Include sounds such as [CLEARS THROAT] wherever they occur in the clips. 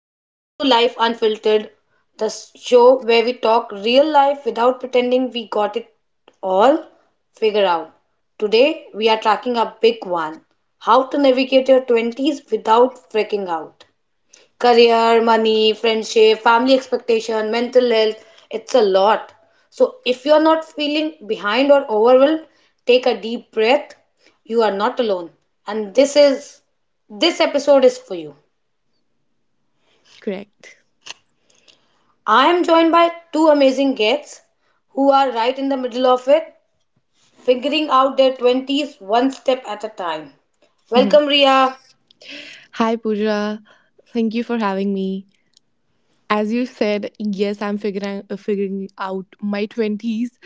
welcome to Life Unfiltered, the show where we talk real life without pretending we got it all figured out. Today we are tracking a big one. How to navigate your 20s without freaking out. Career, money, friendship, family expectation, mental health, it's a lot. So if you're not feeling behind or overwhelmed, take a deep breath. You are not alone. And this episode is for you. Correct. [LAUGHS] I am joined by two amazing guests who are right in the middle of it, figuring out their 20s one step at a time. Mhm. Welcome, Ria. Hi, Pooja. Thank you for having me. As you said, yes, I'm figuring figuring out my twenties.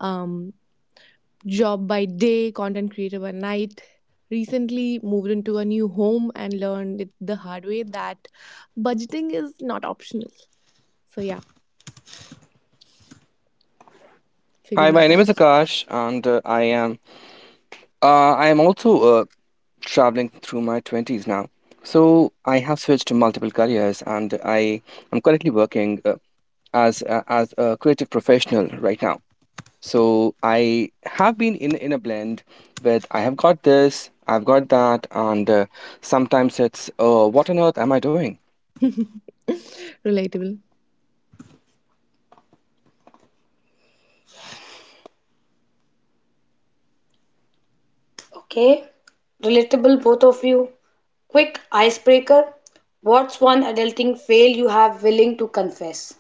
Um, Job by day, content creator by night. Recently moved into a new home and learned it the hard way that budgeting is not optional. So yeah, Hi, figuring my it name is out. Akash, and I am also traveling through my twenties now. So I have switched to multiple careers, and I am currently working as a creative professional right now. So I have been in a blend with I have got this, I've got that, and sometimes it's what on earth am I doing? [LAUGHS] Relatable. Okay, relatable, both of you. Quick icebreaker. What's one adulting fail you have willing to confess?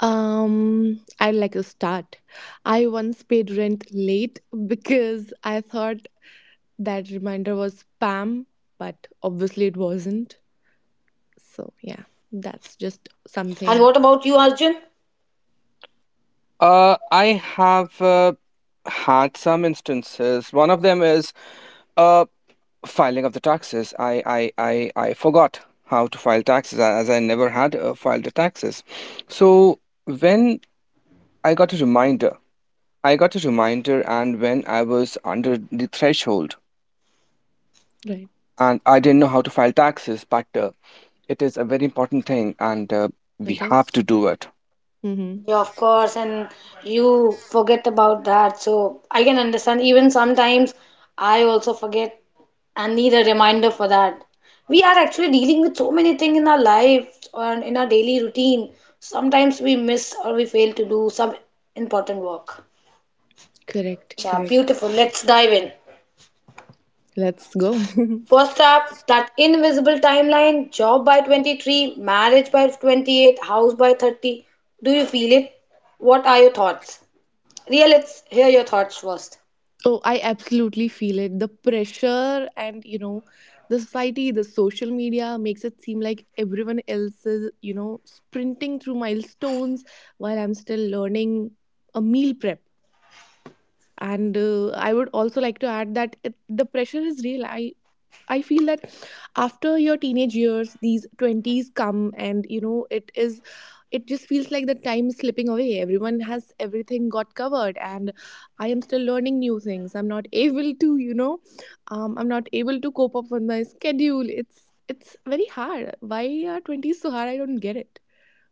I'd like to start. I once paid rent late because I thought that reminder was spam, but obviously it wasn't. So, yeah, that's just And something, what about you, Arjun? I have had some instances. One of them is uh, filing of the taxes. I forgot how to file taxes as I never had filed the taxes. So when I got a reminder, I got a reminder, and when I was under the threshold, right? and I didn't know how to file taxes, but it is a very important thing, and we It have to is. do it. Mm-hmm. Yeah, of course, and you forget about that. So I can understand. Even sometimes I also forget and need a reminder for that. We are actually dealing with so many things in our life and in our daily routine. Sometimes we miss or we fail to do some important work. Correct, Yeah, correct. beautiful. Let's dive in. Let's go. First up, that invisible timeline, job by 23, marriage by 28, house by 30. Do you feel it? What are your thoughts? Ria, let's hear your thoughts first. [LAUGHS] Oh, I absolutely feel it. The pressure and, you know, the society, the social media makes it seem like everyone else is, you know, sprinting through milestones while I'm still learning a meal prep. And I would also like to add that it, the pressure is real. I feel that after your teenage years, these 20s come, and you know, it is, it just feels like the time is slipping away. Everyone has everything got covered, and I am still learning new things. I'm not able to, you know, I'm not able to cope up with my schedule. It's very hard. Why are 20s so hard? I don't get it.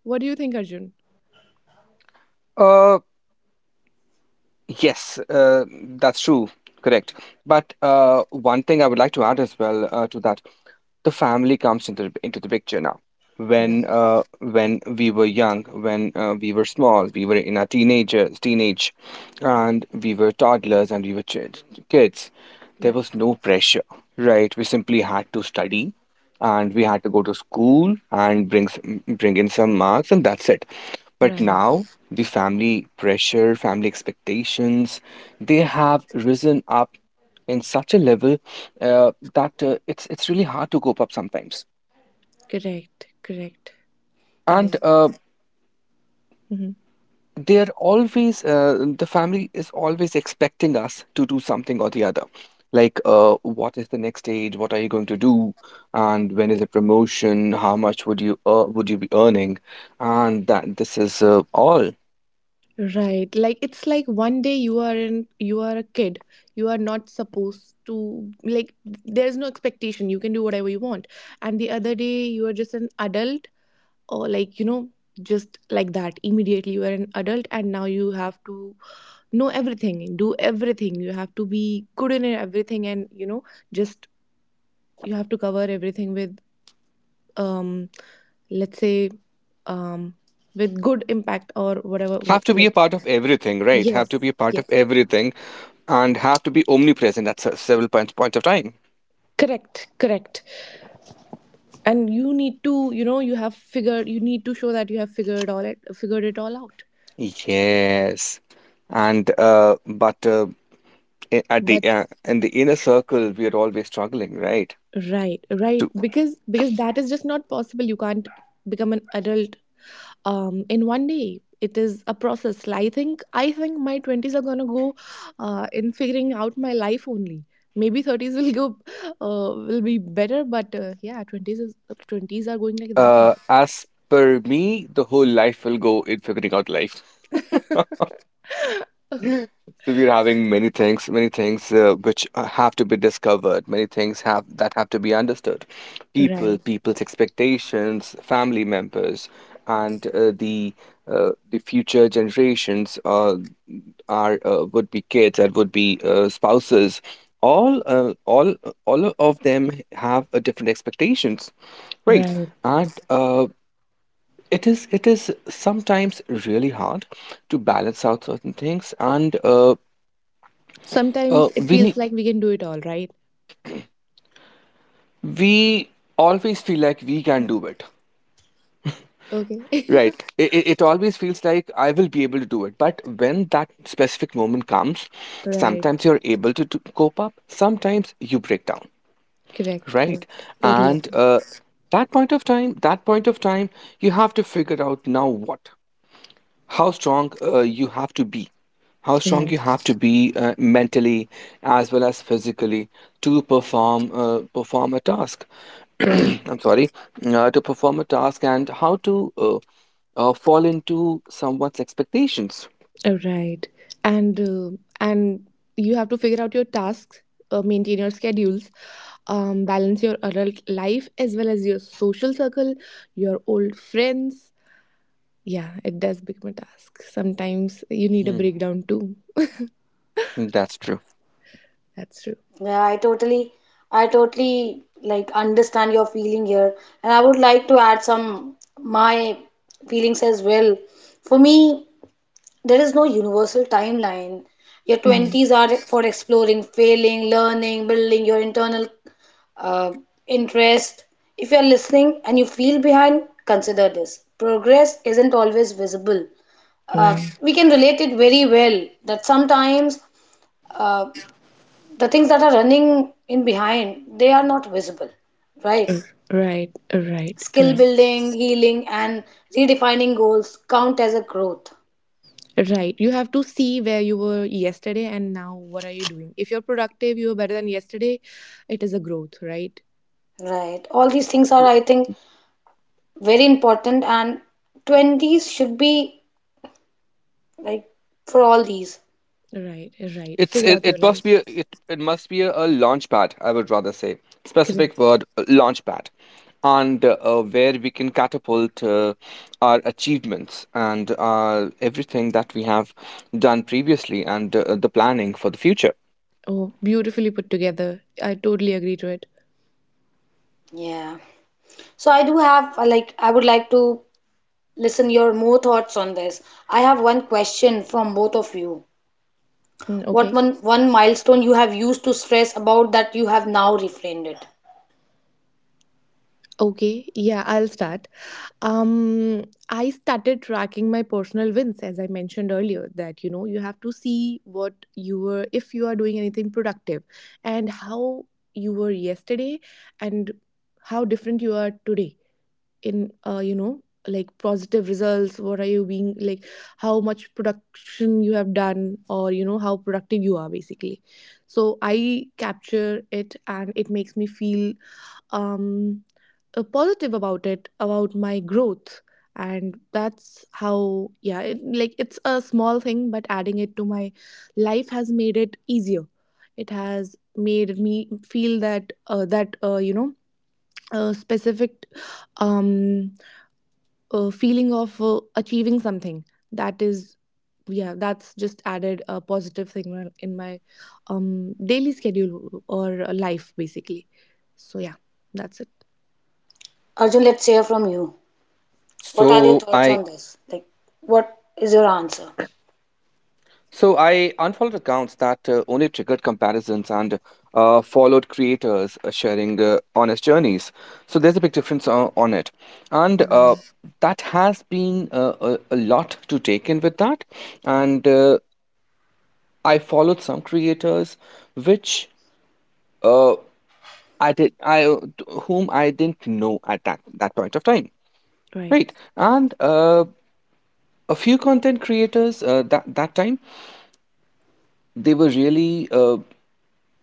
What do you think, Arjun? Uh, Yes, that's true. Correct. But one thing I would like to add as well to that, the family comes into the picture now. When Right, uh, when we were young, when we were small, we were in our teenage, and we were toddlers and we were kids. There right, was no pressure, right? We simply had to study and we had to go to school and bring in some marks, and that's it. But now right. the family pressure, family expectations, they have risen up in such a level that it's really hard to cope up sometimes, Correct, correct. I. and Mm-hmm. they're always the family is always expecting us to do something or the other, like what is the next stage, what are you going to do, and when is the promotion, how much would you would you be earning, and that this is all. Right. Like it's like one day you are in you are a kid. You are not supposed to like there's no expectation. You can do whatever you want. And the other day you are just an adult or like you know just like that immediately you are an adult and now you have to know everything, do everything. You have to be good in everything and you know just you have to cover everything with um let's say um with good impact or whatever Have to be a like part of everything, right? Have to be yes. a part of Yes. everything, and have to be omnipresent at several points of time. Correct, correct, and you need to you know you have figured you need to show that you have figured all it figured it all out Yes, and but I- at the but in the inner circle we are always struggling, right? right, right, because that is just not possible. You can't become an adult in one day. It is a process. Like, I think my 20s are gonna go in figuring out my life only. Maybe 30s will go, will be better, but yeah, 20s is 20s are going like that only. As per me, the whole life will go in figuring out life. [LAUGHS] So we're having many things which have to be discovered, many things have that have to be understood. [LAUGHS] Right, People's expectations, family members, and the future generations are would be kids and would be spouses. All, uh, all, all of them have a different expectations, right? right, And it is sometimes really hard to balance out certain things, and uh, sometimes it we feels need like we can do it all, right? we always feel like we can do it, Okay. [LAUGHS] right? It always feels like I will be able to do it, but when that specific moment comes, Right. sometimes you're able to cope up, sometimes you break down, Correct. right? Correct. Totally And agree. That point of time, that point of time, you have to figure out now what how strong you have to be, how strong you have Right. to be mentally as well as physically to perform a task. [CLEARS THROAT] Right. I'm sorry. To perform a task and how to fall into someone's expectations. right. And uh, and you have to figure out your tasks, maintain your schedules, balance your adult life as well as your social circle, your old friends. Yeah, it does become a task. Sometimes you need a Hmm, breakdown too. that's true. That's true. Yeah, I totally like understand your feeling here, and I would like to add some my feelings as well. For me, there is no universal timeline. Your Mhm. 20s are for exploring, failing, learning, building your internal uh, interest. If you're listening and you feel behind, consider this. Progress isn't always visible. Right. We can relate it very well that sometimes uh, the things that are running in behind, they are not visible, right? Uh, right. Right. Skill Right. building, healing, and redefining goals count as a growth. Right. You have to see where you were yesterday and now what are you doing. If you're productive, you were better than yesterday, it is a growth, right? Right, all these things are, I think, very important, and 20s should be like for all these. Right, right. It's Figure it, out your it must life. be a, it must be a launch pad, I would rather say. Specific Correct. word, launch pad. And where we can catapult our achievements and everything that we have done previously, and the planning for the future. Oh, beautifully put together. I totally agree to it. Yeah, so I do have, like, I would like to listen your more thoughts on this. I have one question from both of you. Mm, What okay. one milestone you have used to stress about that you have now reframed it? Okay. Yeah, I'll start. I started tracking my personal wins, as I mentioned earlier, that you know, you have to see what you were, if you are doing anything productive, and how you were yesterday and how different you are today in you know like positive results, what are you being like, how much production you have done, or you know how productive you are basically. So I capture it and it makes me feel um positive about it, about my growth. And that's how yeah, it, like it's a small thing but adding it to my life has made it easier. It has made me feel that you know, specific um feeling of achieving something. That is, yeah, that's just added a positive signal in my daily schedule or life basically. So yeah, that's it. Arjun, let's hear from you. What are your So thoughts I on this? Like, what is your answer? So I unfollowed accounts that only triggered comparisons and followed creators sharing honest journeys. So there's a big difference on it, and Right, that has been a lot to take in with that. And I followed some creators, which uh, I did, I whom I didn't know at that point of time, right, right? And a few content creators that time they were really.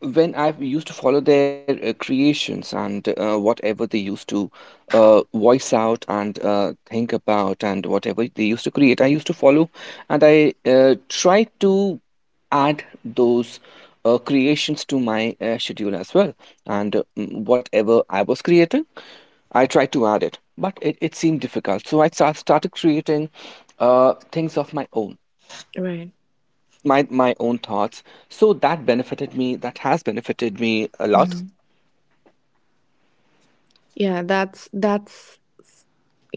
When I used to follow their creations and whatever they used to voice out and think about and whatever they used to create, I used to follow, and I tried to add those creations to my schedule as well. And whatever I was creating, I tried to add it, but it seemed difficult. So I started creating things of my own. right. My own thoughts, so that benefited me, that has benefited me a lot. Mhm. Yeah, that's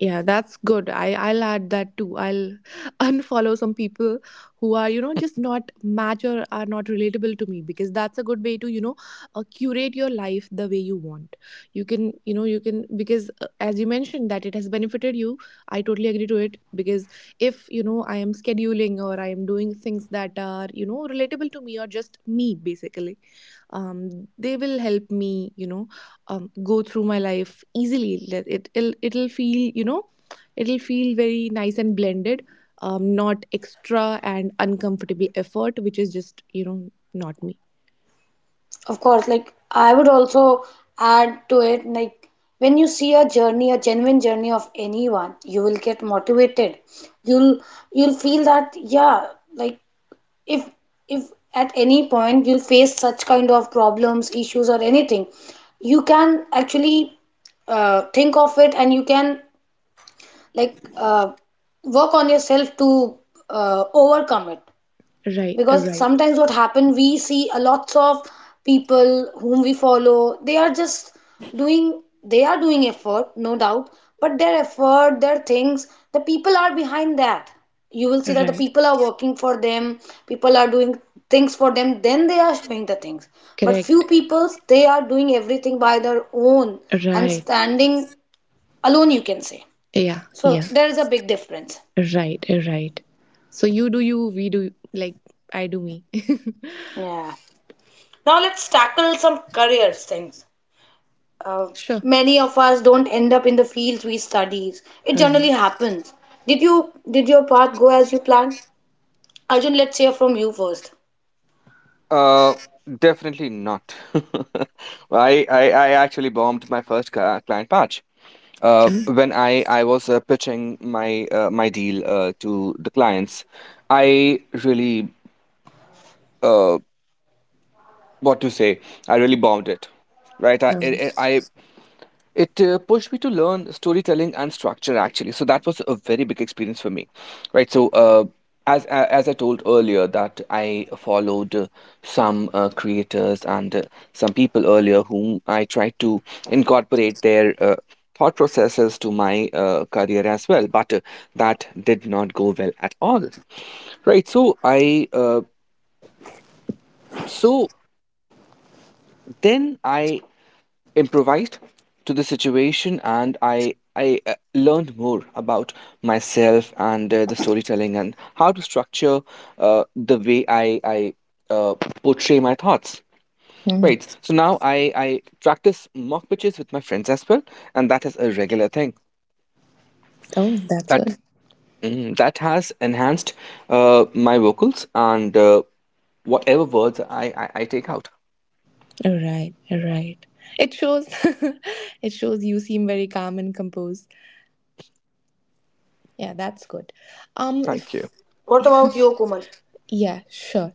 Yeah, that's good. I'll add that too. I'll [LAUGHS] unfollow some people who are you know just not match or are not relatable to me because that's a good way to you know curate your life the way you want. You can you know you can because as you mentioned that it has benefited you. I totally agree to it because if you know I am scheduling or I am doing things that are you know relatable to me or just me basically, they will help me you know go through my life easily. It'll feel, you know, it'll feel very nice and blended, not extra and uncomfortable effort, which is just, you know, not me. Of course, like, I would also add to it, like, when you see a journey, a genuine journey of anyone, you will get motivated. You'll you'll feel that, yeah, like if if at any point you'll face such kind of problems, issues or anything, you can actually think of it and you can like work on yourself to overcome it. Right, Because right, sometimes what happen, we see a lots of people whom we follow, they are just doing they are doing effort, no doubt, but their effort, their things, the people are behind that. You will see that the right. people are working for them, people are doing things for them, then they are showing the things. But few Correct. people, they are doing everything by their own and Right. standing alone, you can say. Yeah, So yeah. there is a big difference. Right, right. So you do you, we do, like, I do me. [LAUGHS] Yeah. Now let's tackle some careers things. Uh, Sure. Many of us don't end up in the fields we studies. It generally Right. happens. Did your path go as you planned? Arjun, let's hear from you first. Uh, Definitely not. [LAUGHS] I I actually bombed my first client patch. Uh, Mm. when I I was pitching my my deal to the clients, I really uh what to say, I really bombed it. Right? I it, Um, it, I it pushed me to learn storytelling and structure actually. So that was a very big experience for me, right? So as as I told earlier that I followed some creators and some people earlier whom I tried to incorporate their thought processes to my career as well, but that did not go well at all, right? So then I improvised to the situation, and I learned more about myself and the storytelling and how to structure the way I uh, portray my thoughts, hmm. right? So now I practice mock pitches with my friends as well, and that is a regular thing. Oh, that's that good. That has enhanced my vocals and whatever words I take out. Right, right. It shows. [LAUGHS] It shows, you seem very calm and composed. Yeah, that's good. Thank you. If What about you, Kumal? yeah, sure.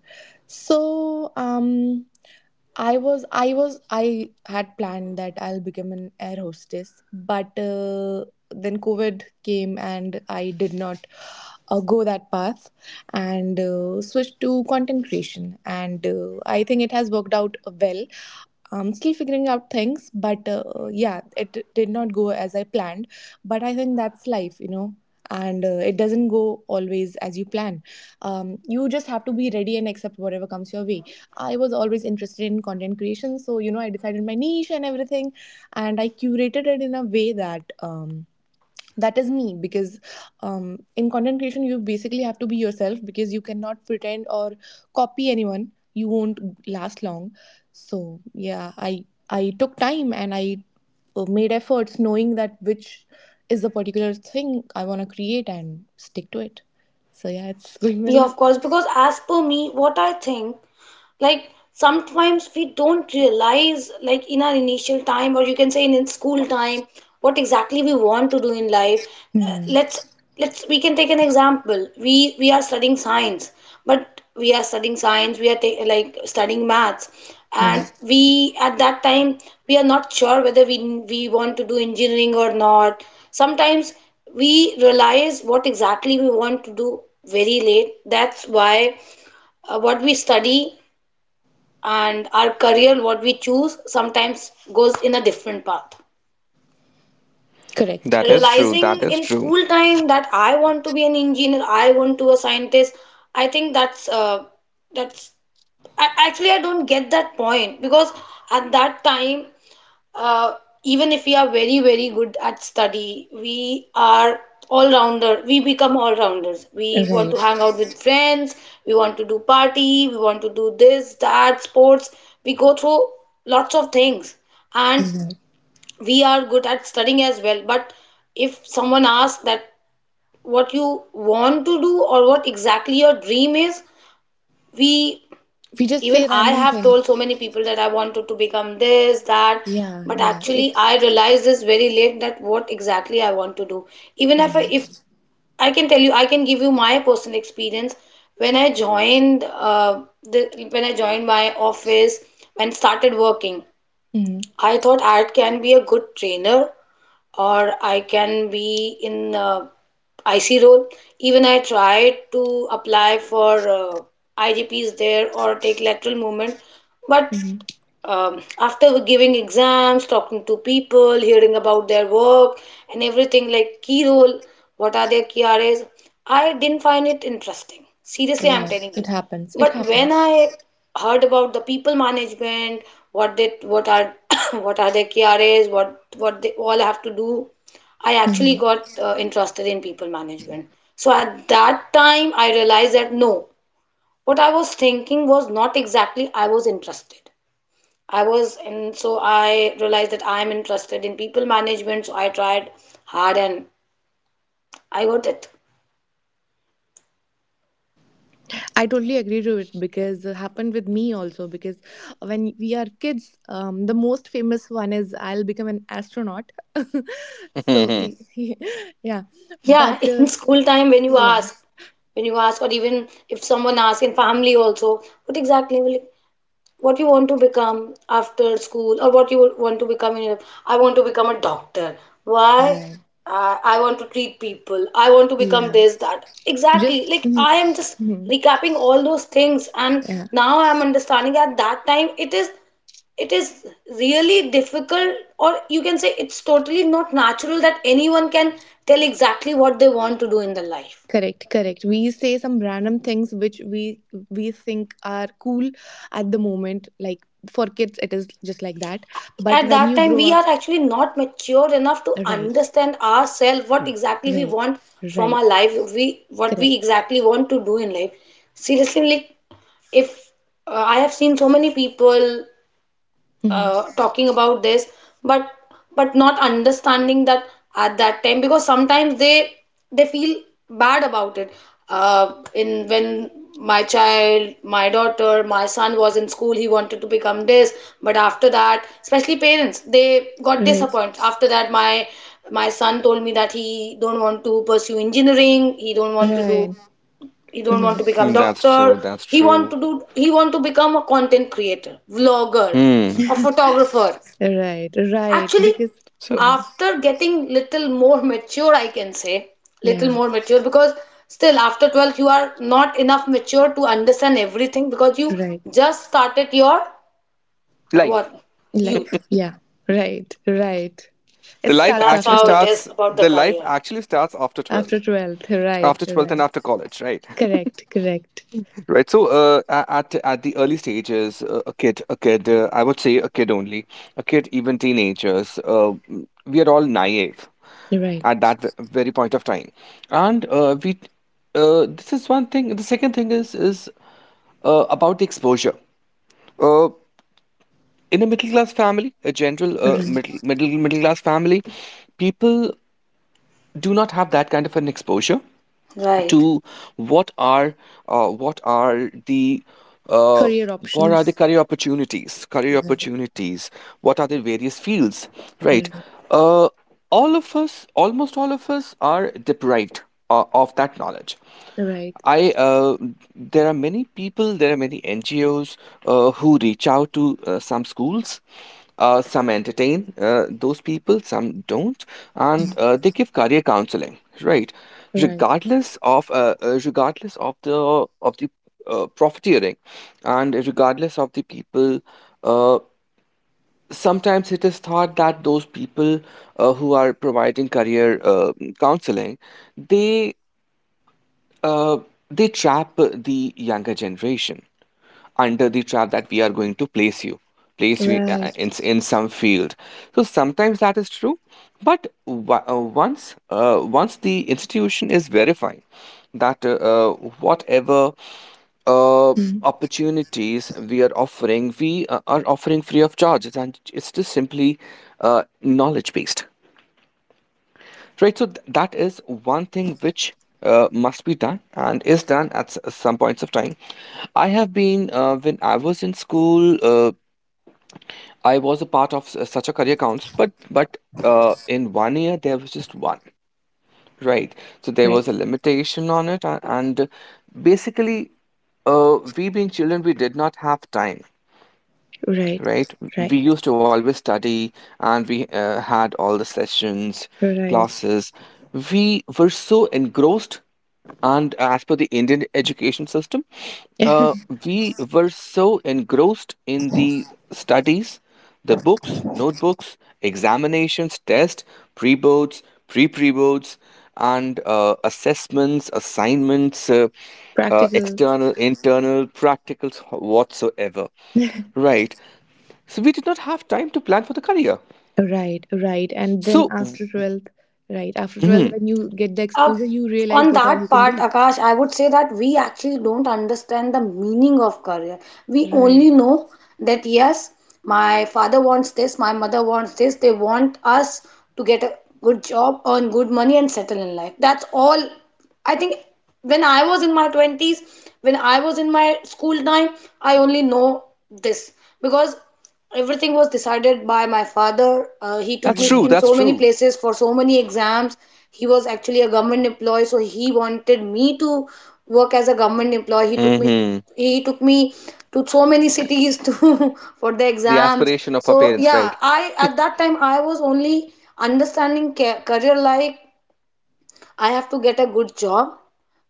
So, I had planned that I'll become an air hostess, but then COVID came and I did not go that path and switched to content creation. And I think it has worked out well. I'm still figuring out things, but yeah, it did not go as I planned. But I think that's life, you know, and it doesn't go always as you plan. You just have to be ready and accept whatever comes your way. I was always interested in content creation, so you know, I decided my niche and everything, and I curated it in a way that. That is me because in content creation you basically have to be yourself because you cannot pretend or copy anyone, you won't last long. So yeah, I took time and I made efforts knowing that which is the particular thing I want to create and stick to it. So yeah, it's [LAUGHS] going well Yeah, now. of course. Because as per me, what I think, like sometimes we don't realize, like in our initial time, or you can say in school time, what exactly we want to do in life. uh, Hmm. let's let's we can take an example. We are studying science, we are like studying maths, and Right, we at that time, we are not sure whether we want to do engineering or not. Sometimes we realize what exactly we want to do very late. That's why what we study and our career what we choose sometimes goes in a different path. correct, correct, Realizing That is in true. school time that I want to be an engineer, I want to be a scientist, I think that's, I, actually I don't get that point. Because at that time, uh, even if we are very good at study, we are all rounders. We want to right, hang out with friends, we want to do party, we want to do this that sports. We go through lots of things, and right, we are good at studying as well. But if someone asks that, what you want to do, or what exactly your dream is, we, we just even say I random have told so things. many people that I wanted to become this that. yeah But yeah actually it I realized this very late, that what exactly I want to do. Even if right. I can tell you, I can give you my personal experience. When I joined my office and started working, Hmm. I thought I can be a good trainer, or I can be in IC role. Even I tried to apply for IGPs there, or take lateral movement, but Hmm. After giving exams, talking to people, hearing about their work and everything like key role, what are their KRAs, I didn't find it interesting. Seriously, I'm Right, telling it you. happens, it But when happens. I heard about the people management, what are [COUGHS] what are their KRAs, what they all have to do, I actually Mhm. got interested in people management. So at that time, I realized that no, what I was thinking was not exactly I was interested. I was, and so I realized that I am interested in people management. So I tried hard and I got it. I totally agree to it because it happened with me also. Because when we are kids, the most famous one is I'll become an astronaut. [LAUGHS] So, [LAUGHS] [LAUGHS] yeah, Yeah, but [LAUGHS] in school time, when you yeah, ask, or even if someone asks in family also, what exactly will, what you want to become after school, or what you would want to become in your, I want to become a doctor. Why? right, I want to treat people, I want to become yeah, this that. Exactly, just like mhm, I am just mhm, recapping all those things, and yeah, now I'm understanding, at that time it is, it is really difficult, or you can say it's totally not natural that anyone can tell exactly what they want to do in their life. correct, correct. We say some random things which we think are cool at the moment. Like for kids, it is just like that. But At when that you time grow we up, are actually not mature enough to right, understand ourselves, what exactly we right, want from right, our life, we what we correct. exactly want to do in life. Seriously, like if I have seen so many people Mhm. Talking about this, but but not understanding that at that time. Because sometimes they feel bad about it. In, when my child, my daughter, my son was in school, he wanted to become this, but after that, especially parents, they got Right, disappointed. After that, my son told me that he don't want to pursue engineering, he don't want to do, right, he don't want mhm. to become doctor, That's he want true. to do, he want to become a content creator, vlogger, Hmm. a photographer. Right, right. Actually, Because, So mhm. after getting little more mature, I can say Yeah, little more mature, because still after 12 you are not enough mature to understand everything, because you right. just started your, life. what, youth. Life, yeah, right, right. The It So life starts that's actually after how it is starts. 12th. about the The life career. actually starts after After 12th, 12th, right, after 12th and right. after college, right? Correct, correct. [LAUGHS] right. So at the early stages, a kid. I would say a kid only, a kid, even teenagers. We are all naive Right, at that very point of time, and we this is one thing. The second thing is about the exposure, uh, in a middle class family, a general right. Middle class family, people do not have that kind of an exposure Right. to what are uh, what are the uh, Career what are the options, career opportunities career right, opportunities, what are the various fields, right? right, uh, all of us, almost all of us, are deprived of that knowledge. right, I There are many people, there are many NGOs who reach out to some schools. Some entertain those people, some don't, and they give career counseling, right? right, Regardless of the profiteering, and regardless of the people, uh, sometimes it is thought that those people who are providing career counseling, they uh, they trap the younger generation under the trap that we are going to place you right, in some field, so sometimes that is true. But once the institution is verifying that whatever uh, mhm. opportunities we are offering, we are offering free of charge and it's just simply knowledge based. Right, so that is one thing which must be done and is done at some points of time. I have been when I was in school, I was a part of such a career council, but in one year there was just one, right? So there Right, was a limitation on it, and basically, we being children, we did not have time, right, right? We right, used to always study, and we had all the sessions, right. classes. We were so engrossed, and as per the Indian education system, uh, [LAUGHS] we were so engrossed in the studies, the books, notebooks, examinations, tests, pre boards, pre boards, and assessments, assignments, Practicals, external, internal, practicals, whatsoever. Right. So we did not have time to plan for the career. right, right. And then So after 12th, right, after 12th, mhm, when you get the Uh, exposure, you realize on what all you that can part, do. Akash, I would say that we actually don't understand the meaning of career. We Right, only know that yes, my father wants this, my mother wants this, they want us to get a good job, earn good money, and settle in life. That's all. I think when I was in my 20s, when I was in my school time, I only know this. Because everything was decided by my father. He took me in right. That's so many true. places for so many exams. He was actually a government employee, so he wanted me to work as a government employee. He took me, Hmm. he took me to so many cities to [LAUGHS] for the The exams. aspiration of our So parents, right? yeah, I at that time I was only understanding career like I have to get a good job,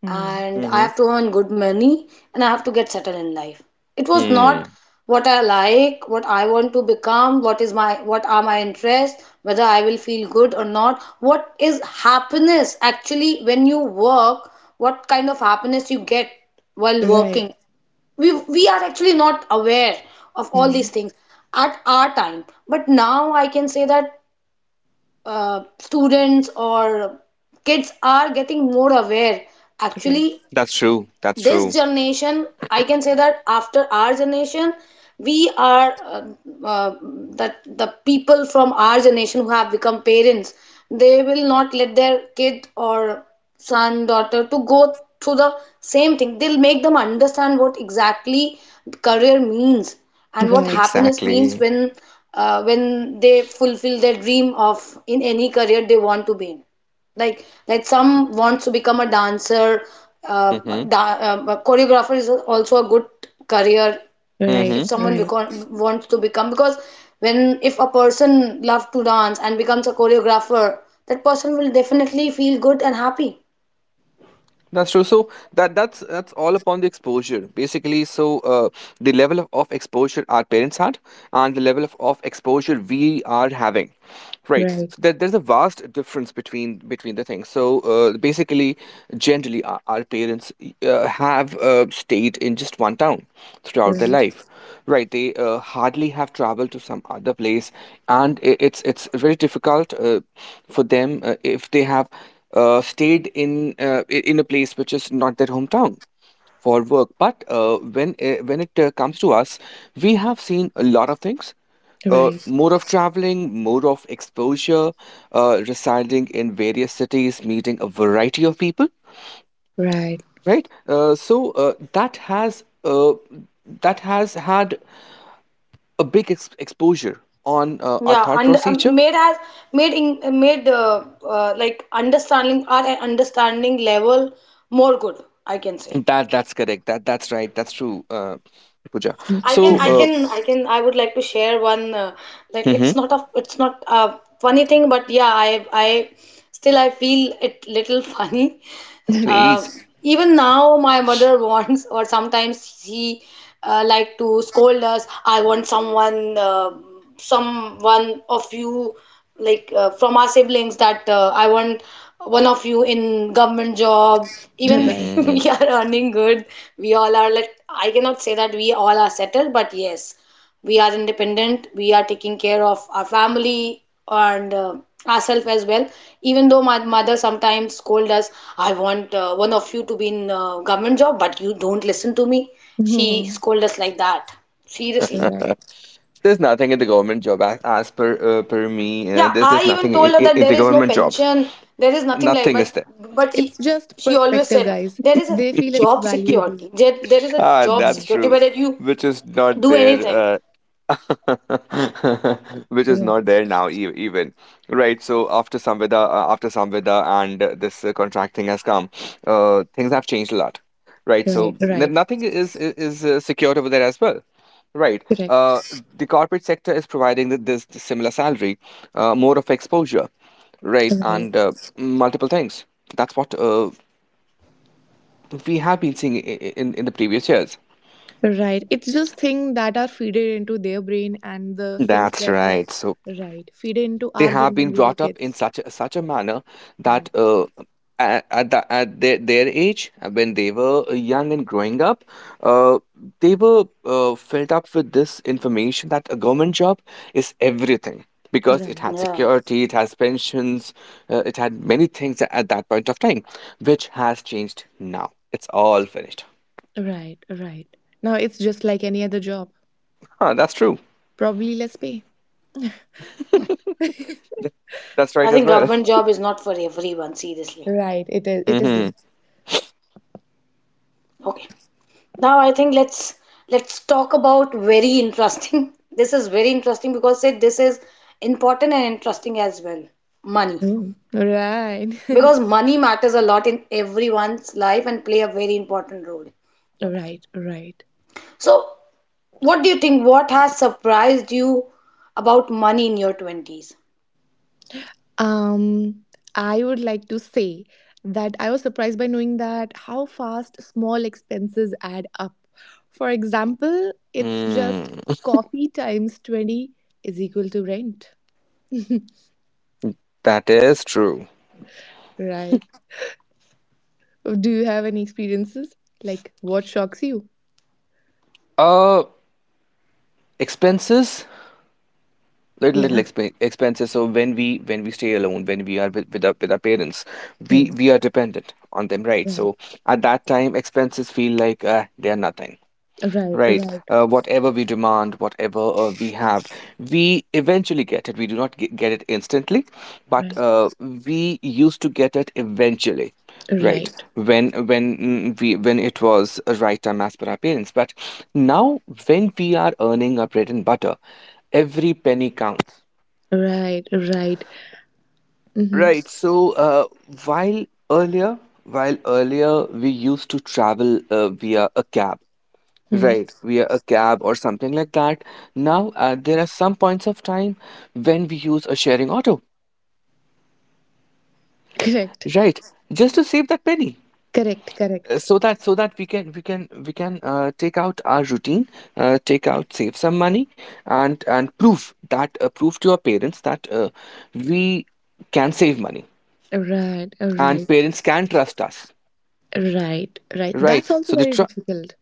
Mm. and I Hmm. have to earn good money, and I have to get settled in life. It was not Mm. what I like, what I want to become, what is my, what are my interests, whether I will feel good or not, what is happiness actually when you work, what kind of happiness you get while Right. working. We are actually not aware of all these Mm. things at our time. But now I can say that students or kids are getting more aware Right. actually. That's This true. generation, I can say that after our generation, we are uh, that the people from our generation who have become parents, they will not let their kid or son, daughter to go through the same thing. They'll make them understand what exactly career means and what Right. happiness means Exactly. When they fulfill their dream of in any career they want to be in. Like some wants to become a dancer, uh, Hmm. A choreographer is also a good career. Right. If Hmm. someone Right. become, wants to become because When if a person loves to dance and becomes a choreographer, that person will definitely feel good and happy. That's true. So that's all upon the exposure, basically. So the level of exposure our parents had, and the level of exposure we are having. Right. Right. So there's a vast difference between the things. So basically, generally, our parents have stayed in just one town throughout their Right. life, right? They hardly have traveled to some other place, and I it's very difficult for them if they have stayed in a place which is not their hometown for work. But when when it comes to us, we have seen a lot of things. Right. More of traveling, more of exposure, residing in various cities, meeting a variety of people, Right. right? Uh, that has uh, that has had a big exposure on our Yeah, thought and procedure. made has made in, made like understanding, our understanding level more good, I can say. That's correct. That's right. That's true, Pooja. I can, So, I Yeah. uh, can, I can. I would like to share one. Mhm. It's not a funny thing, but yeah, I still, I feel it little [LAUGHS] funny. [LAUGHS] Okay. Please. Uh, even now my mother wants, or sometimes she like to scold us. I want someone, someone of you, from our siblings, that I want one of you in government job. Even Right. [LAUGHS] Mhm. we are earning good, we all are, like, I cannot say that we all are settled, but yes, we are independent, we are taking care of our family and ourselves as well. Even though my mother sometimes scold us, I want one of you to be in government job, but you don't listen to me. She Mhm. scold us like that, seriously. Right. There's nothing in the government job as, as per me. Yeah, there's I there's even nothing in, told her in that in the there is no government jobs. pension, there is nothing like, Nothing is but there. but she, It's just she always perspective, said guys. there is a They feel it's valuable. There is a Ah, job that's Right. security true. whether you Which is not do there anything. [LAUGHS] Which is not Right. there now even, right? So after Samveda, after Samveda, and this contract thing has come, things have changed a lot. Right, Right. so Right. nothing is secured over there as well, right. Correct. The corporate sector is providing this similar salary, more of exposure, right, Right. and multiple things. That's what we have been seeing in in the previous years. Right. It's just things that are feeded into their brain and the things That's that were right, so right feeded into they our have brain been when we were brought up in kids. Such a manner that Right. At, at their age, when they were young and growing up, uh, they were filled up with this information that a government job is everything, because it Right. had Yeah, security, it has pensions, it had many things at that point of time, which has changed now. It's all finished. Right. Right. Now it's just like any other job. Huh, that's true. Probably less pay. That's right I as think well. government [LAUGHS] job is not for everyone, seriously. Right. It is. It isn't. Okay. Now I think let's talk about very interesting. [LAUGHS] This is very interesting because say this is important and interesting as well. Money. Mm. Right. Because money matters a lot in everyone's life and play a very important role. [LAUGHS] Okay. Right. Right. So what do you think? What has surprised you about money in your 20s? Um, I would like to say that I was surprised by knowing that how fast small expenses add up. For example, it's Hmm. just Hmm. coffee times 20 is equal to rent, That is true. right? Do you have any experiences? Like, what shocks you? Uh, Expenses, little little Yeah. exp expenses. So when we stay alone, when we are with our parents, Hmm. we are dependent on them, right? Right, So at that time, expenses feel like they are nothing, right, right? right, Whatever we demand, whatever we have, we eventually get it. We do not get it instantly, but we used to get it eventually. Right, right, when mm, we when it was a right time as per our parents, but now, when we are earning our bread and butter, every penny counts. right, right, right. Right. Mm-hmm. So, while earlier, while earlier, we used to travel via a cab, Hmm. right, via a cab or something like that. Now, there are some points of time when we use a sharing auto, Correct, right, just to save that penny. correct, correct. So that, so that we can we can we can take out our routine, take out, save some money, and prove to our parents that we can save money, Right, and right, parents can trust us, right, right. That's right. also very difficult.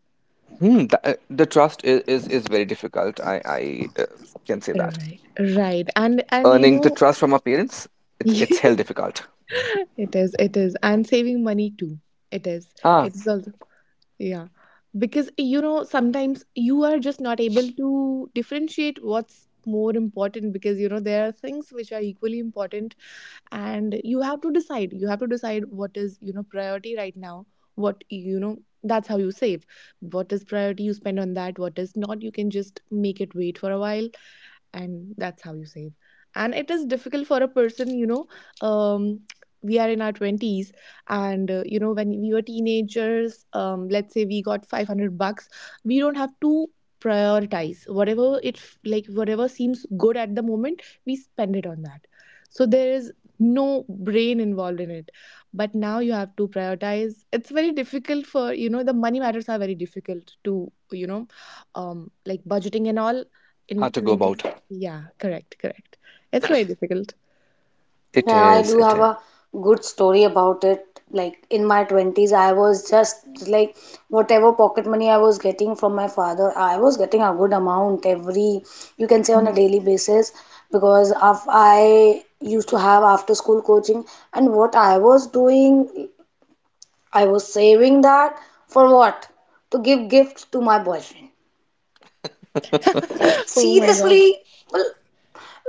Hmm, the trust is is very difficult. I can say that Right, right, and you earning the know, trust from our parents, [LAUGHS] it's it hell difficult. It is, and saving money too. It is, Ah, it is also, yeah, because you know sometimes you are just not able to differentiate what's more important because you know there are things which are equally important, and you have to decide. You have to decide what is you know priority right now. What you know that's how you save. What is priority? You spend on that. What is not? You can just make it wait for a while, and that's how you save. And it is difficult for a person. Um we are in our 20s. And when we were teenagers, let's say we got 500 bucks. We don't have to prioritize whatever it f- like whatever seems good at the moment, we spend it on that. So there is no brain involved in it. But now you have to prioritize. It's very difficult. For you know The money matters are very difficult to you know like budgeting and all, how in to go 20s. about. Yeah, correct, correct. It's very difficult. It Yeah, I is. do It have is. a good story about it. Like in my 20s, I was just like, whatever pocket money I was getting from my father, I was getting a good amount every, you can say, on a daily [LAUGHS] basis, because of I used to have after school coaching. And what I was doing, I was saving that. For what? To give gifts to my boyfriend. Oh my god. Seriously, well,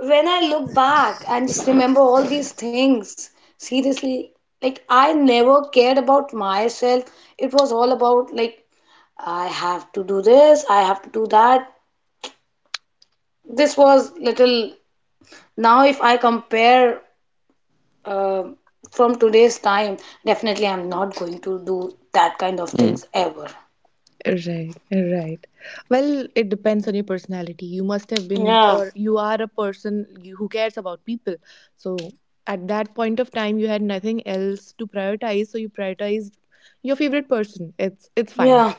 when I look back and just remember all these things, seriously, like I never cared about myself. It was all about like I have to do this, I have to do that. This was little. Now, if I compare uh, from today's time, definitely I'm not going to do that kind of Mm. things ever. Right, right. Well, it depends on your personality. You must have been, Yeah, or you are, a person who cares about people. So at that point of time, you had nothing else to prioritize, so you prioritized your favorite person. It's fine. yeah.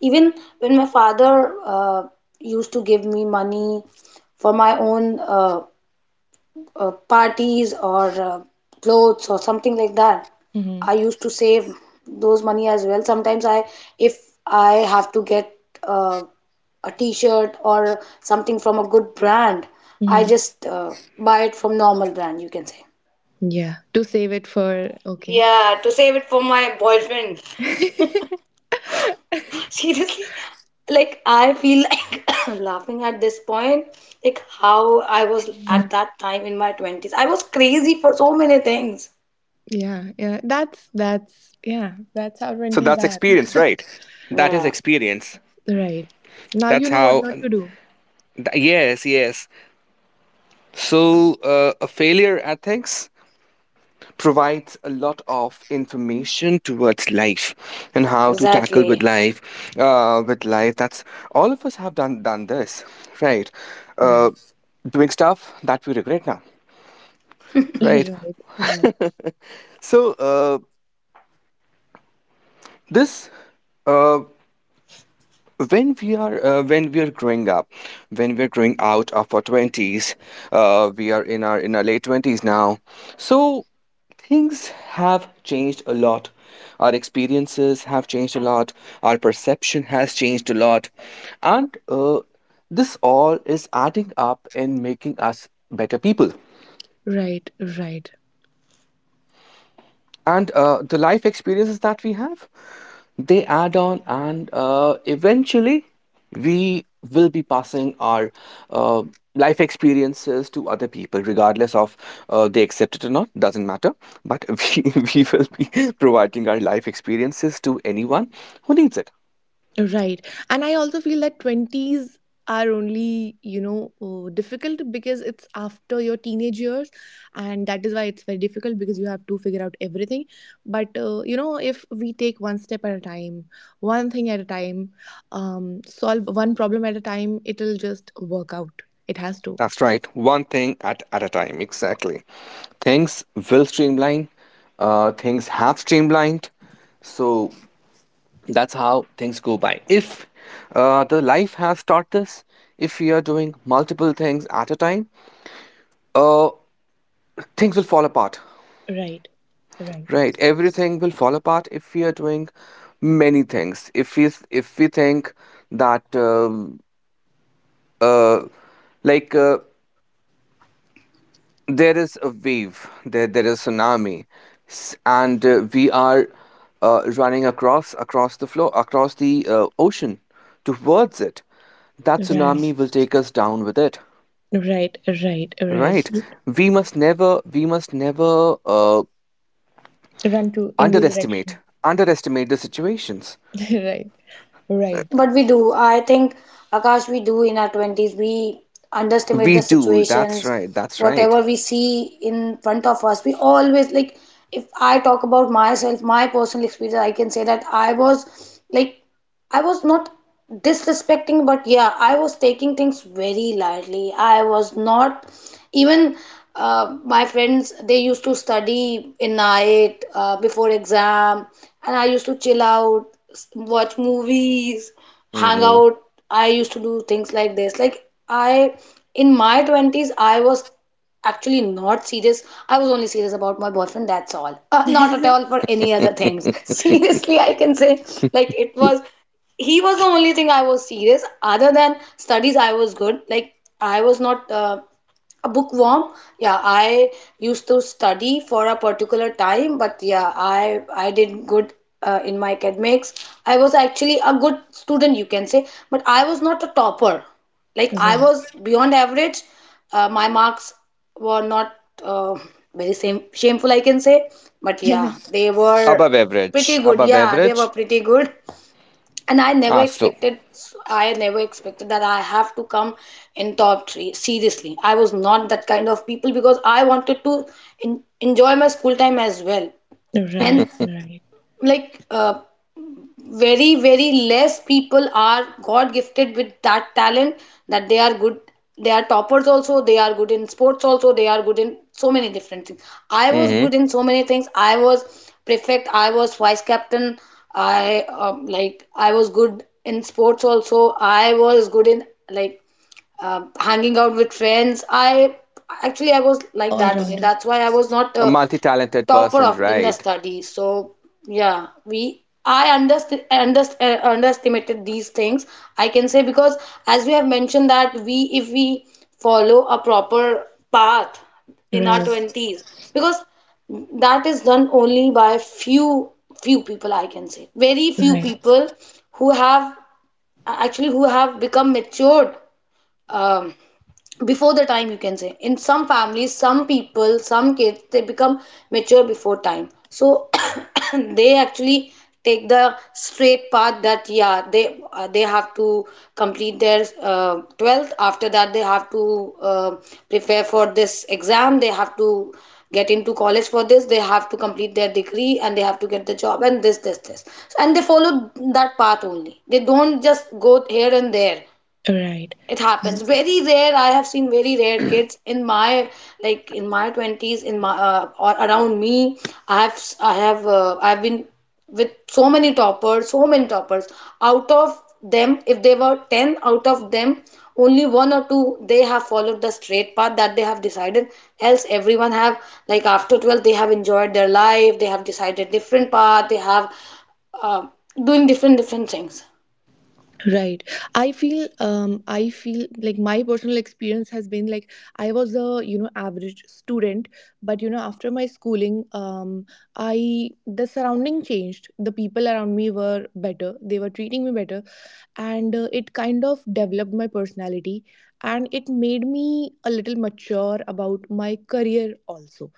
Even when my father used to give me money for my own parties or clothes or something like that, Mm-hmm. I used to save those money as well. Sometimes I, if I have to get uh, a t-shirt or something from a good brand, I Mm-hmm. just buy it from normal brand, you can say. Yeah, to save it for. Okay. Yeah, to save it for my boyfriend. [LAUGHS] Seriously, like I feel like [COUGHS] laughing at this point, like how I was at that time. In my 20s, I was crazy for so many things. Yeah, yeah, that's yeah, that's how So 20s that's are. experience, right? That is Yeah. experience. [LAUGHS] Right. Now That's you know what how. not to do. Yes, yes. So a failure at things provides a lot of information towards life and how to tackle Exactly. with life, with life. That's all of us have done this, right. uh, Right. Doing stuff that we regret now, right. [LAUGHS] So uh, this uh, when we are growing up, when we're growing out of our 20s, we are in our late 20s now, so things have changed a lot, our experiences have changed a lot, our perception has changed a lot, and this all is adding up and making us better people. Right. Right. Right. Right. And the life experiences that we have, they add on, and eventually we will be passing our uh, life experiences to other people, regardless of they accept it or not, doesn't matter, but [LAUGHS] we will be providing our life experiences to anyone who needs it. Right. And I also feel that 20s are only, difficult because it's after your teenage years. And that is why it's very difficult, because you have to figure out everything. But, if we take one step at a time, one thing at a time, solve one problem at a time, it'll just work out. It has to. That's right, one thing at a time, exactly. Things will streamline, things have streamlined, so that's how things go by, if the life has taught this. If we are doing multiple things at a time, uh, things will fall apart. Right. Right. Right, everything will fall apart if we are doing many things, if we think that uh, like uh, there is a wave, there is tsunami, and we are running across the floor, across the ocean towards it. That Right. tsunami will take us down with it. Right. Right. Right. Right. We must never Run to in the underestimate, direction. underestimate the situations. [LAUGHS] Right, right. But we do. I think, Akash, we do in our 20s. We underestimate the We do. That's situations. right. That's right. Whatever we see in front of us, we always like. If I talk about myself, my personal experience, I can say that I was like, I was not disrespecting, but yeah, I was taking things very lightly. I was not even, my friends, they used to study in night before exam, and I used to chill out, watch movies, hang Hmm. out. I used to do things like this. Like I, in my twenties, I was actually not serious. I was only serious about my boyfriend. That's all. Not at all [LAUGHS] for any other things. [LAUGHS] [LAUGHS] Seriously, I can say, like it was, he was the only thing I was serious. Other than studies, I was good. Like I was not a bookworm. Yeah, I used to study for a particular time, but yeah, I did good in my academics. I was actually a good student, you can say, but I was not a topper. Like I was Right. beyond average. My marks were not uh, very same shameful, I can say, but yeah, [LAUGHS] they were Above pretty average. good. Above Yeah, they were average. pretty good, and I never Ah, so. expected, I never expected that I have to come in top 3, seriously. I was not that kind of people because I wanted to enjoy my school time as well. Right, And right. like very very less people are god gifted with that talent, that they are good, they are toppers also, they are good in sports also, they are good in so many different things. I was Hmm. good in so many things. I was prefect, I was vice captain. I like, I was good in sports also, I was good in, like, um, hanging out with friends. I, actually, I was like All that only, rounder. that's why I was not A multi-talented topper person, of in the right? study. So yeah, we, I underestimated these things, I can say, because as we have mentioned that we, if we follow a proper path in our Right, 20s, because that is done only by few, few people, I can say, very few right, people who have actually, who have become matured, um, before the time, you can say. In some families, some people, some kids, they become mature before time, so [COUGHS] they actually take the straight path. That yeah, they have to complete their 12th, after that they have to prepare for this exam, they have to get into college for this, they have to complete their degree and they have to get the job, and this, this, this. And they follow that path only, they don't just go here and there. right, It happens very rare. I have seen very rare kids in my, like in my 20s, in my or around me. I've been with so many toppers, so many toppers. Out of them, if they were 10, out of them only one or two, they have followed the straight path that they have decided, else everyone have, like after 12 they have enjoyed their life, they have decided different path, they have uh, doing different, different things. right. I feel like my personal experience has been like I was a average student. But after my schooling, I the surrounding changed. The people around me were better. They were treating me better. And it kind of developed my personality, and it made me a little mature about my career also.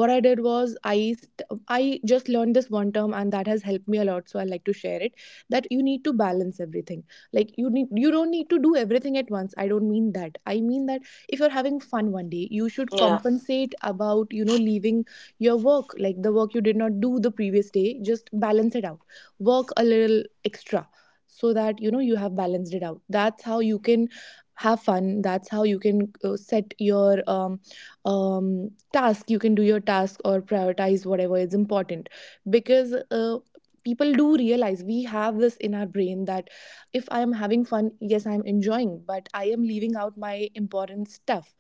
What I did was I just learned this one term, and that has helped me a lot, so I like to share it. That you need to balance everything. Like, you don't need to do everything at once. I don't mean that. I mean that if you're having fun one day, you should Yeah. compensate about leaving your work, like the work you did not do the previous day. Just balance it out. Work a little extra so that you know you have balanced it out. That's how you can have fun. That's how you can set your task. You can do your task or prioritize whatever is important. Because people do realize, we have this in our brain that if I am having fun, yes, I am enjoying, but I am leaving out my important stuff.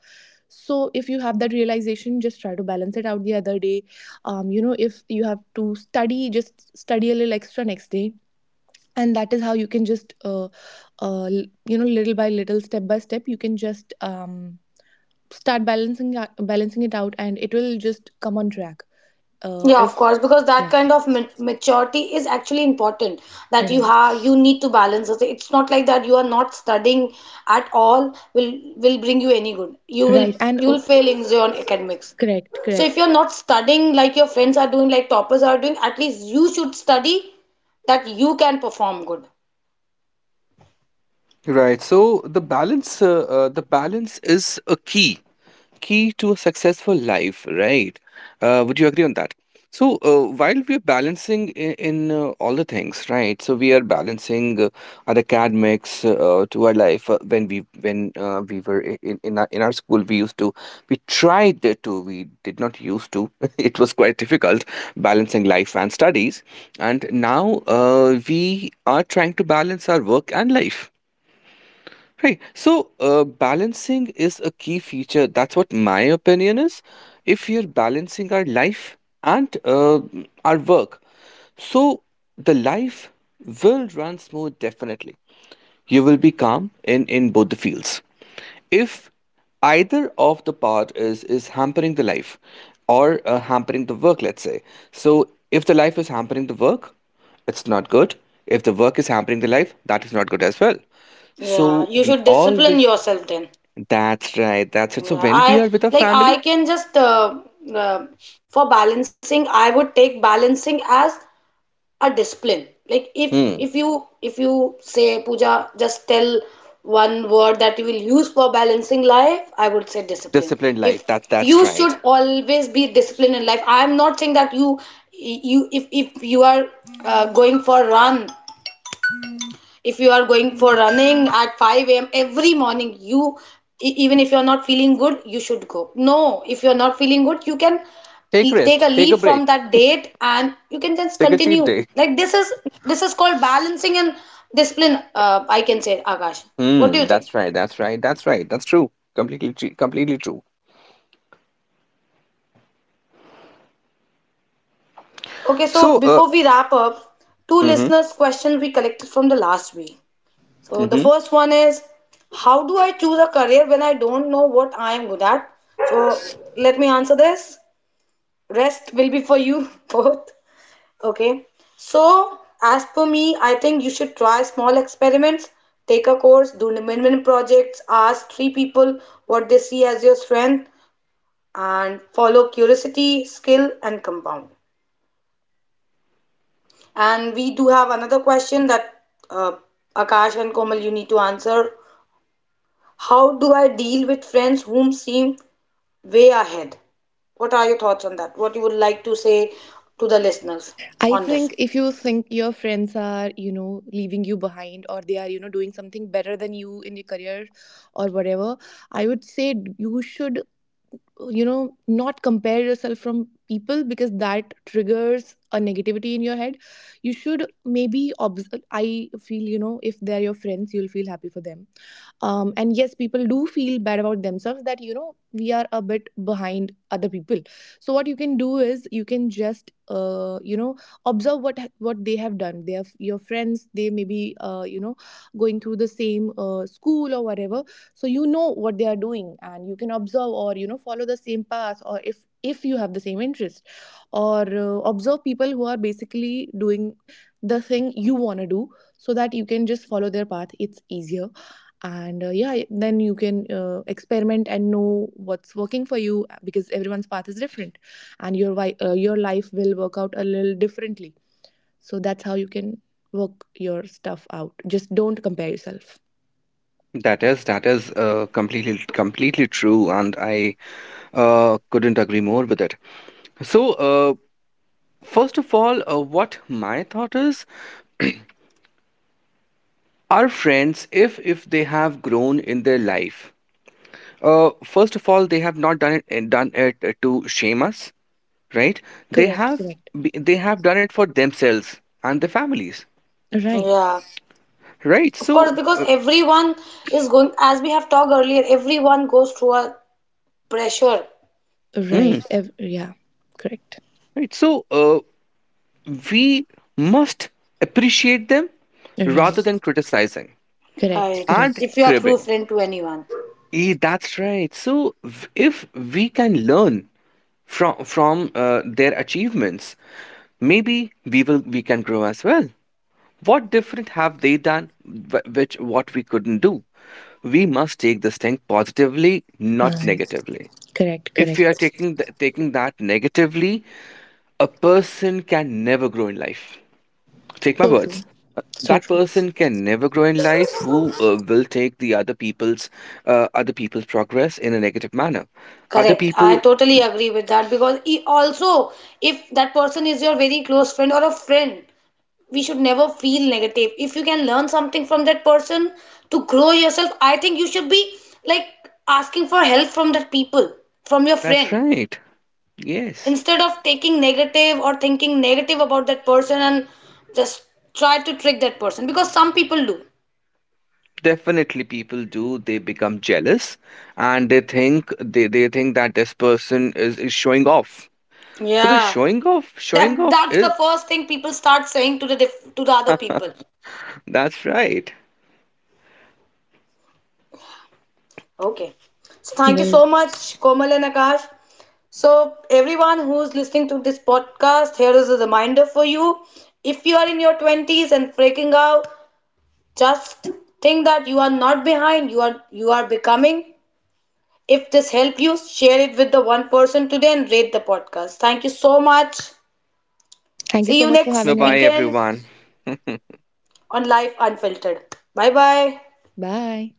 So if you have that realization, just try to balance it out the other day. If you have to study, just study a little extra next day. And that is how you can just little by little, step by step, you can just start balancing it out, and it will just come on track. Yeah, of If course, because that Yeah. kind of maturity is actually important. That you Right, have, you need to balance it. It's not like that you are not studying at all will bring you any good. You will, right. And you oh, will fail in your academics. correct, So if correct. you're not studying like your friends are doing, like toppers are doing, at least you should study, that you can perform good. Right. So the balance is a key, key to a successful life, right? Would you agree on that? So while we're balancing in all the things, right? So we are balancing our academics to our life. When we were in in our school, we used to, we tried to, we did not used to [LAUGHS] it was quite difficult balancing life and studies. And now we are trying to balance our work and life. Right. So, balancing is a key feature. That's what my opinion is. If we are balancing our life and our work, so the life will run smooth, definitely. You will be calm in both the fields, if either of the part is hampering the life, or hampering the work, let's say. So if the life is hampering the work, it's not good. If the work is hampering the life, that is not good as well. So Yeah, you we should discipline always, yourself then. that's right, that's it. Yeah, So when we I, are with our like I family. can just uh, for balancing, I would take balancing as a discipline. Like if Hmm. you, if you say Pooja, just tell one word that you will use for balancing life, I would say discipline. Disciplined If life, that You that's should right. always be disciplined in life. I am not saying that you, if you are going for run, if you are going for running at 5 a.m. every morning, you, even if you're not feeling good, you should go. No, if you're not feeling good, you can Take take rest, a take a leave break. from that date, and you can just Take a cheat continue. day. Like this is, this is called balancing and discipline, I can say, Akash. What Hmm, do you that's think? right, that's right, that's right, that's true, completely true. Yeah. Okay, so So before we wrap up, two mhm. listeners questions we collected from the last week. So the Mhm. first one is, how do I choose a career when I don't know what I am good at? So let me answer this. Rest will be for you [LAUGHS] both. Okay. So as per me, I think you should try small experiments, take a course, do minimum projects, ask three people what they see as your strength, and follow curiosity, skill, and compound. And we do have another question, that uh, Akash and Komal, you need to answer. How do I deal with friends whom seem way ahead? What are your thoughts on that? What you would like to say to the listeners I on this? think if you think your friends are leaving you behind, or they are doing something better than you in your career or whatever, I would say you should not compare yourself from people, because that triggers a negativity in your head. You should maybe I feel, if they're your friends, you'll feel happy for them. And yes, people do feel bad about themselves that we are a bit behind other people. So what you can do is you can just observe what they have done. They have your friends, they may be going through the same school or whatever. So you know what they are doing, and you can observe or follow the same path, or if you have the same interest, or observe people who are basically doing the thing you want to do, so that you can just follow their path. It's easier. And yeah, then you can experiment and know what's working for you, because everyone's path is different, and your life will work out a little differently. So that's how you can work your stuff out. Just don't compare yourself. That is, that is completely completely true, and I couldn't agree more with it. So, uh, First of all, what my thought is, our friends, if they have grown in their life, first of all, they have not done it to shame us, right? They Correct, have correct. They have done it for themselves and their families, Right, Yeah, right? of course, So, because everyone is going, as we have talked earlier, everyone goes through a pressure, mm, right. Yeah. Correct. right. So, we must appreciate them rather Right. than criticizing Correct, right? and correct. If you are true cribbing. friend to anyone. Eh, that's right. So if we can learn from their achievements, maybe we will, we can grow as well. What different have they done which, what we couldn't do? We must take this thing positively, not Right. negatively. Correct, If we correct. are taking that negatively, a person can never grow in life. Take my So true. words. So That true. person can never grow in life who will take the other people's progress in a negative manner. Other Correct. I people, totally agree with that, because he also, if that person is your very close friend or a friend, we should never feel negative. If you can learn something from that person to grow yourself, I think you should be like asking for help from that people, from your that's friend, right. Yes, instead of taking negative or thinking negative about that person and just try to trick that person, because some people do. definitely people do. They become jealous and they think, they think that this person is showing off. So the Yeah, showing that, off that's the is, first thing people start saying to the to the other people. that's right. Okay, so thank you Well, so much, Komal and Akash. So, everyone who's listening to this podcast, here is a reminder for you. If you are in your 20s and freaking out, just think that you are not behind, you are becoming. If this helped you, share it with the one person today and rate the podcast. Thank you so much. thank you See so you much for next Bye having bye weekend us. everyone. on Life Unfiltered. Bye bye. Bye.